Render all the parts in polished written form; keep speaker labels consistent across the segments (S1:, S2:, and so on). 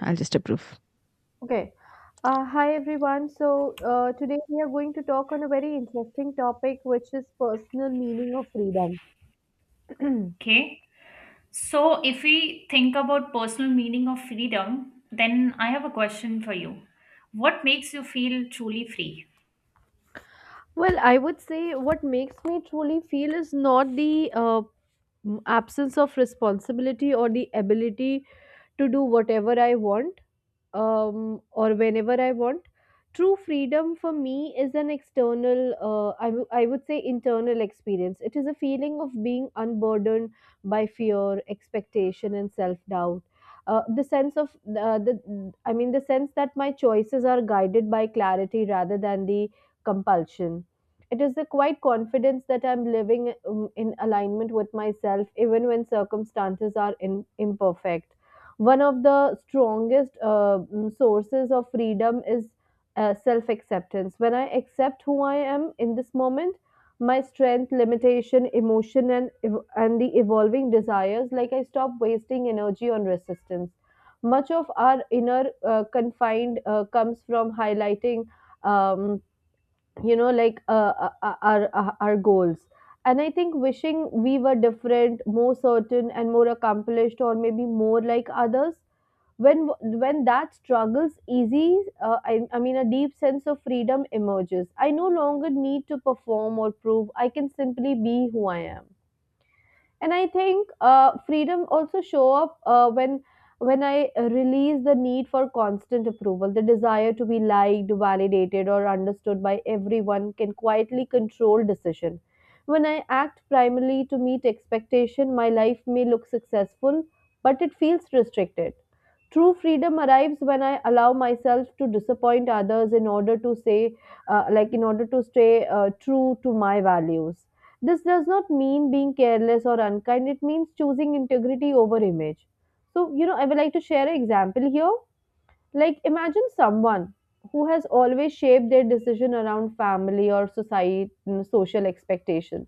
S1: I'll just approve.
S2: Okay. Hi everyone. Today we are going to talk on a very interesting topic, which is personal meaning of freedom.
S3: Okay. So if we think about personal meaning of freedom, then I have a question for you. What makes you feel truly free?
S2: Well, I would say what makes me truly feel is not the absence of responsibility or the ability to do whatever I want or whenever I want. True freedom for me is an external, I would say internal experience. It is a feeling of being unburdened by fear, expectation, and self doubt. The sense of the I mean the sense that my choices are guided by clarity rather than the compulsion. It is the quiet confidence that I'm living in alignment with myself even when circumstances are imperfect. One of the strongest sources of freedom is self acceptance. When I accept who I am in this moment, my strength, limitation, emotion, and the evolving desires, like I stop wasting energy on resistance. Much of our inner confined comes from highlighting, um, you know, like our goals, and I think wishing we were different, more certain and more accomplished, or maybe more like others. When that struggles easy, a deep sense of freedom emerges. I no longer need to perform or prove. I can simply be who I am. And I think freedom also show up when I release the need for constant approval. The desire to be liked, validated, or understood by everyone can quietly control decision. When I act primarily to meet expectation, my life may look successful, but it feels restricted. True freedom arrives when I allow myself to disappoint others in order to say like in order to stay true to my values. This does not mean being careless or unkind, it means choosing integrity over image. So, I would like to share an example here. Like, imagine someone who has always shaped their decision around family or society, social expectation.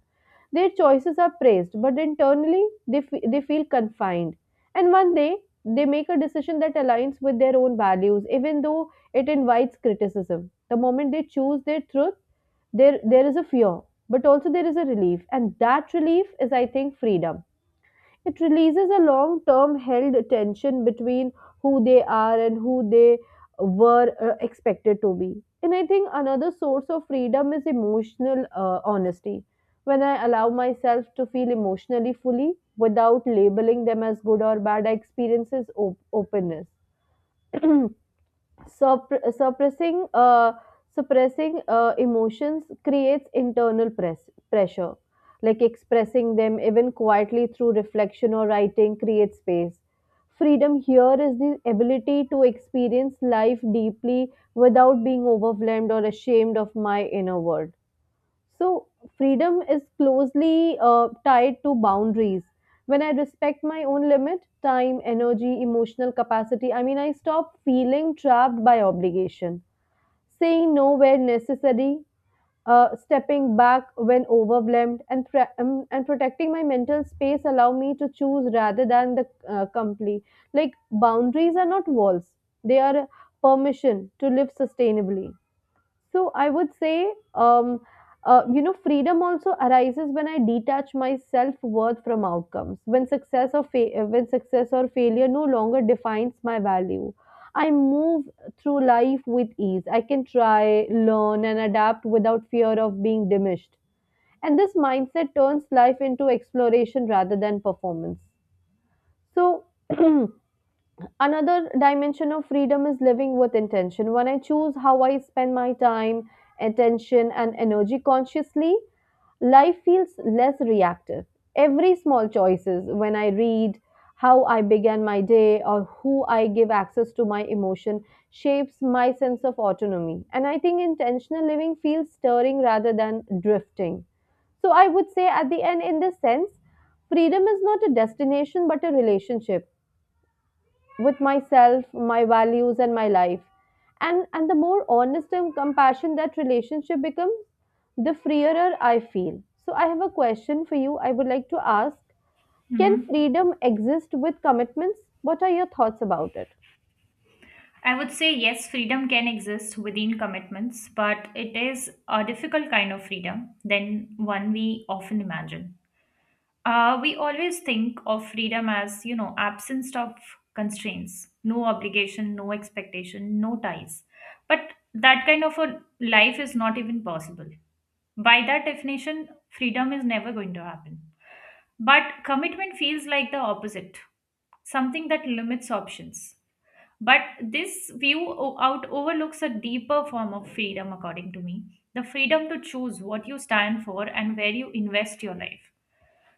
S2: Their choices are praised, but internally they feel confined. And one day they make a decision that aligns with their own values, even though it invites criticism. The moment they choose their truth, there is a fear, but also there is a relief, and that relief is, I think, freedom. It releases a long term held tension between who they are and who they were expected to be. And I think another source of freedom is emotional honesty. When I allow myself to feel emotionally fully without labeling them as good or bad, I experiences openness. Suppress, suppressing uh, suppressing emotions creates internal pressure. Like expressing them even quietly through reflection or writing creates space. Freedom here is the ability to experience life deeply without being overwhelmed or ashamed of my inner world. So, freedom is closely tied to boundaries. When I respect my own limit, time, energy, emotional capacity, I mean, I stop feeling trapped by obligation, saying no where necessary, stepping back when overwhelmed, and and protecting my mental space allow me to choose rather than the complete. Like, boundaries are not walls, they are permission to live sustainably. So I would say, freedom also arises when I detach my self worth from outcomes. When success or fa- when success or failure no longer defines my value, I move through life with ease. I can try, learn, and adapt without fear of being diminished. And this mindset turns life into exploration rather than performance. So. Another dimension of freedom is living with intention. When I choose how I spend my time, attention, and energy consciously, life feels less reactive. Every small choices, when I read, how I began my day, or who I give access to my emotion, shapes my sense of autonomy. And I think intentional living feels stirring rather than drifting. So I would say, at the end, in this sense, freedom is not a destination but a relationship with myself, my values, and my life. And the more honest and compassion that relationship becomes, the freer I feel. So I have a question for you. I would like to ask: can
S3: Mm-hmm.
S2: freedom exist with commitments? What are your thoughts about it?
S3: I would say yes, freedom can exist within commitments, but it is a difficult kind of freedom than one we often imagine. We always think of freedom as, you know, absence of constraints, no obligation, no expectation, no ties. But that kind of a life is not even possible. By that definition, freedom is never going to happen. But commitment feels like the opposite, something that limits options. But this view out overlooks a deeper form of freedom, according to me, the freedom to choose what you stand for and where you invest your life.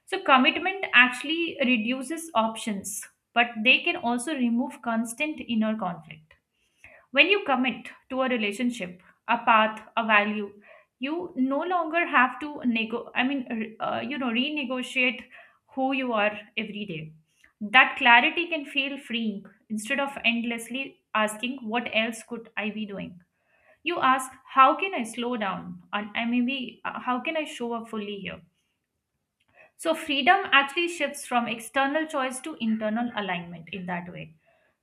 S3: So, commitment actually reduces options, but they can also remove constant inner conflict. When you commit to a relationship, a path, a value, you no longer have to renegotiate who you are every day. That clarity can feel freeing instead of endlessly asking, "What else could I be doing?" You ask, "How can I slow down?" and I maybe, "How can I show up fully here?" So, freedom actually shifts from external choice to internal alignment in that way.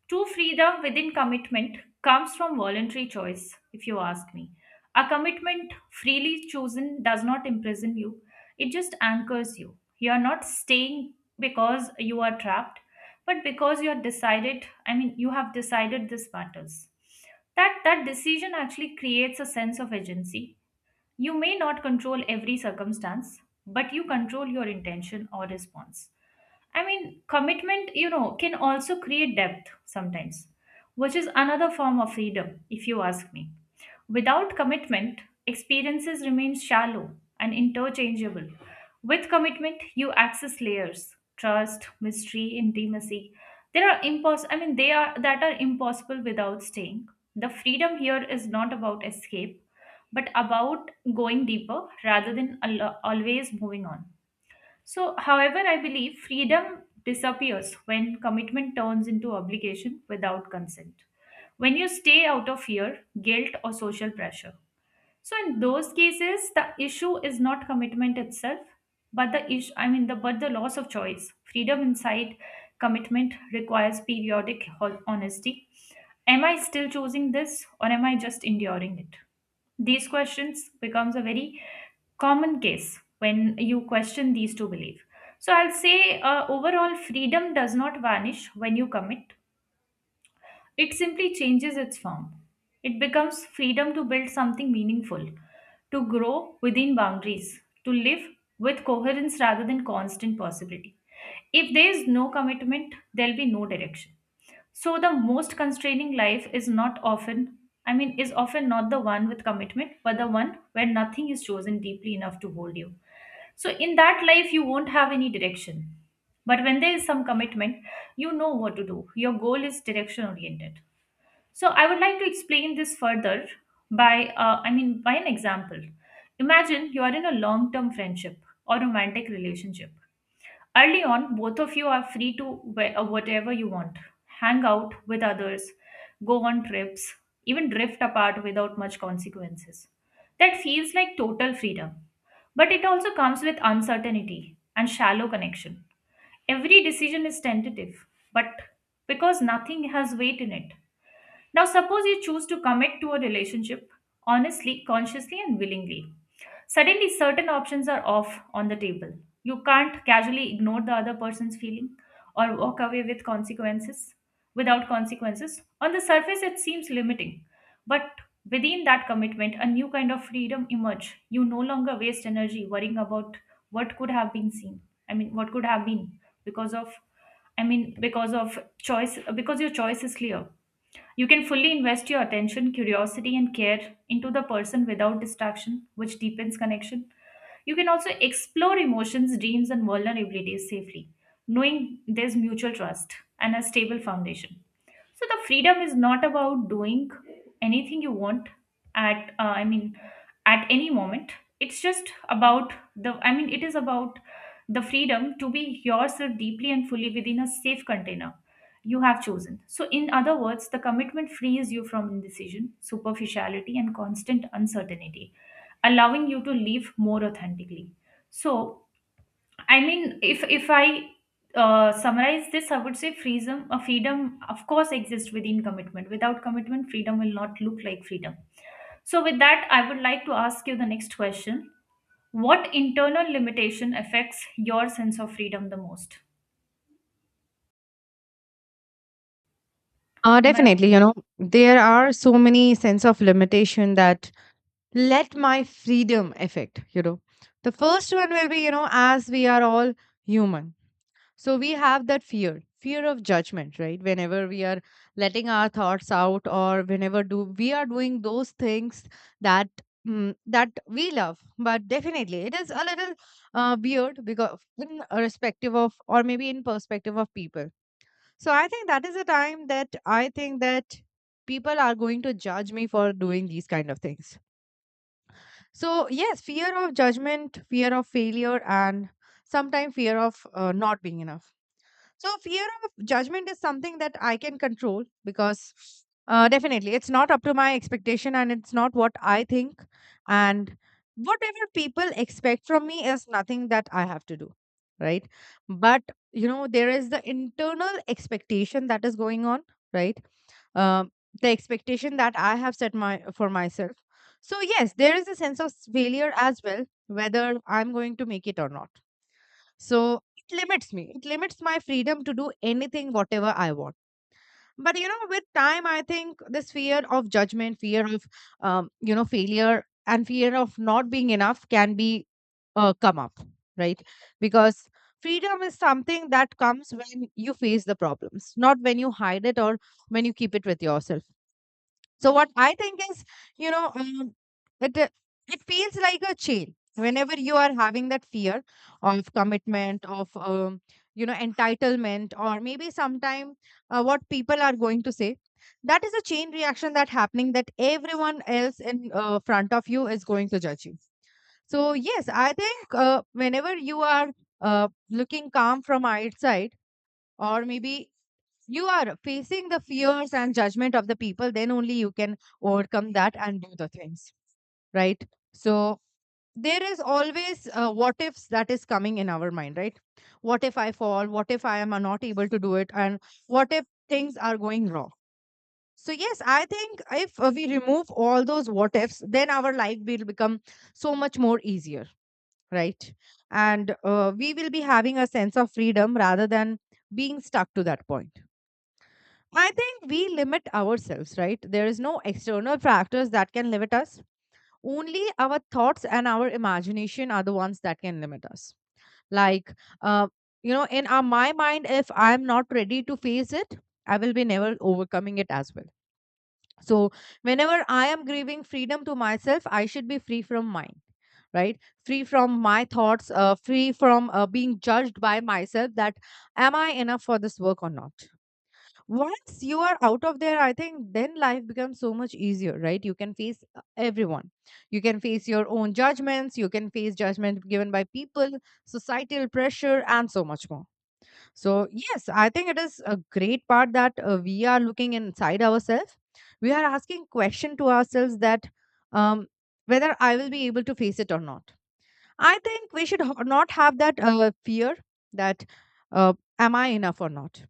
S3: True freedom within commitment comes from voluntary choice, if you ask me. A commitment freely chosen does not imprison you, it just anchors you. You are not staying because you are trapped, but because you are decided, I mean, you have decided this matters. That decision actually creates a sense of agency. You may not control every circumstance, but you control your intention or response. I mean, commitment, you know, can also create depth sometimes, which is another form of freedom, if you ask me. Without commitment, experiences remain shallow and interchangeable. With commitment, you access layers, trust, mystery, intimacy. There are impos I mean they are that are impossible without staying. The freedom here is not about escape but about going deeper rather than always moving on. So, however, I believe freedom disappears when commitment turns into obligation without consent, when you stay out of fear, guilt, or social pressure. So, in those cases, the issue is not commitment itself, but the issue, I mean, the but the loss of choice. Freedom inside commitment requires periodic honesty. Am I still choosing this, or am I just enduring it? These questions becomes a very common case when you question these two beliefs. So I'll say overall freedom does not vanish when you commit. It simply changes its form. It becomes freedom to build something meaningful, to grow within boundaries, to live with coherence rather than constant possibility. If there is no commitment, there'll be no direction. So the most constraining life is not often, I mean, is often not the one with commitment, but the one where nothing is chosen deeply enough to hold you. So in that life, you won't have any direction. But when there is some commitment, you know what to do. Your goal is direction oriented. So I would like to explain this further by, by an example. Imagine you are in a long term friendship or romantic relationship. Early on, both of you are free to wear whatever you want, hang out with others, go on trips, even drift apart without much consequences. That feels like total freedom, but it also comes with uncertainty and shallow connection. Every decision is tentative, but because nothing has weight in it. Now, suppose you choose to commit to a relationship honestly, consciously, and willingly. Suddenly, certain options are off on the table. You can't casually ignore the other person's feeling or walk away without consequences. On the surface, it seems limiting, but within that commitment, a new kind of freedom emerge. You no longer waste energy worrying about what could have been seen. What could have been because of because of choice, because your choice is clear. You can fully invest your attention, curiosity, and care into the person without distraction, which deepens connection. You can also explore emotions, dreams, and vulnerabilities safely, knowing there's mutual trust and a stable foundation. So the freedom is not about doing anything you want at I mean at any moment. It's just about the I mean it is about the freedom to be yourself deeply and fully within a safe container you have chosen. So in other words, the commitment frees you from indecision, superficiality and constant uncertainty, allowing you to live more authentically. So I mean, if I summarize this, I would say freedom. Freedom, of course, exists within commitment. Without commitment, freedom will not look like freedom. So, with that, I would like to ask you the next question: What internal limitation affects your sense of freedom the most? Am I
S1: Definitely, you know, there are so many sense of limitation that let my freedom affect, you know. The first one will be, you know, as we are all human. So we have that fear, fear of judgment, right? Whenever we are letting our thoughts out or whenever do we are doing those things that that we love. But definitely it is a little weird because in a respective of or maybe in perspective of people. So I think that is the time that I think that people are going to judge me for doing these kind of things. So yes, fear of judgment, fear of failure, and sometimes fear of not being enough. So fear of judgment is something that I can control because definitely it's not up to my expectation and it's not what I think. And whatever people expect from me is nothing that I have to do. Right. But, you know, there is the internal expectation that is going on. Right. Um, the expectation that I have set my for myself. So yes, there is a sense of failure as well, whether I'm going to make it or not. So it limits me. It limits my freedom to do anything, whatever I want. But you know, with time, I think this fear of judgment, fear of you know failure, and fear of not being enough can be come up, right? Because freedom is something that comes when you face the problems, not when you hide it or when you keep it with yourself. So what I think is, you know, um, it uh, it feels like a chain. Whenever you are having that fear of commitment, of you know entitlement, or maybe sometime what people are going to say, that is a chain reaction that happening that everyone else in front of you is going to judge you. So yes, I think whenever you are looking calm from outside, or maybe you are facing the fears and judgment of the people, then only you can overcome that and do the things, right? So there is always what ifs that is coming in our mind, right? What if I fall, what if I am not able to do it, and what if things are going wrong? So yes, I think if we remove all those what ifs, then our life will become so much more easier, right? And we will be having a sense of freedom rather than being stuck to that point. I think we limit ourselves, right? There is no external factors that can limit us. Only our thoughts and our imagination are the ones that can limit us. Like, uh, you know, in our, my mind, if I'm not ready to face it, I will be never overcoming it as well. So, whenever I am grieving freedom to myself, I should be free from mine, right? Free from my thoughts, free from being judged by myself that am I enough for this work or not? Once you are out of there, I think then life becomes so much easier, right? You can face everyone, you can face your own judgments, you can face judgment given by people, societal pressure, and so much more. So yes, I think it is a great part that we are looking inside ourselves, we are asking question to ourselves that um, whether I will be able to face it or not. I think we should not have that fear that am I enough or not,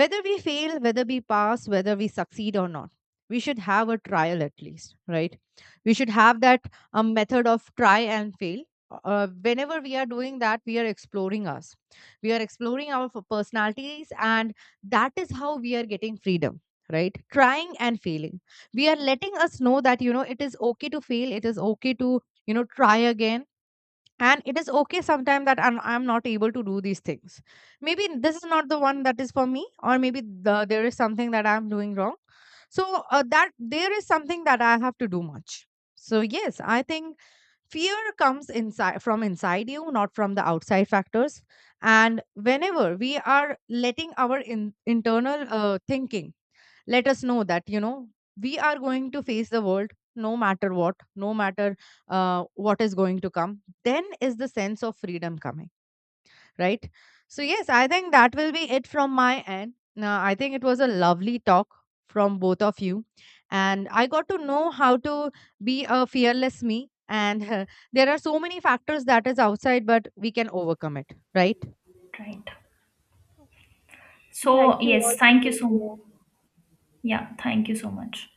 S1: whether we fail, whether we pass, whether we succeed or not, we should have a trial at least, right? We should have that a method of try and fail. Whenever we are doing that, we are exploring us, we are exploring our personalities, and that is how we are getting freedom, right? Trying and failing, we are letting us know that you know it is okay to fail, it is okay to you know try again, and it is okay sometimes that I'm not able to do these things. Maybe this is not the one that is for me, or maybe the, there is something that I'm doing wrong. So that there is something that I have to do much. So yes, I think fear comes inside from inside you, not from the outside factors. And whenever we are letting our internal thinking let us know that you know we are going to face the world no matter what, no matter what is going to come, then is the sense of freedom coming, right? So yes, I think that will be it from my end. Now I think it was a lovely talk from both of you, and I got to know how to be a fearless me. And There are so many factors that is outside, but we can overcome it, right?
S3: right?
S2: So
S3: So,
S2: thank you all
S3: yes,
S2: for
S3: thank you
S2: being
S3: so.
S2: here.
S3: Yeah, thank you so much.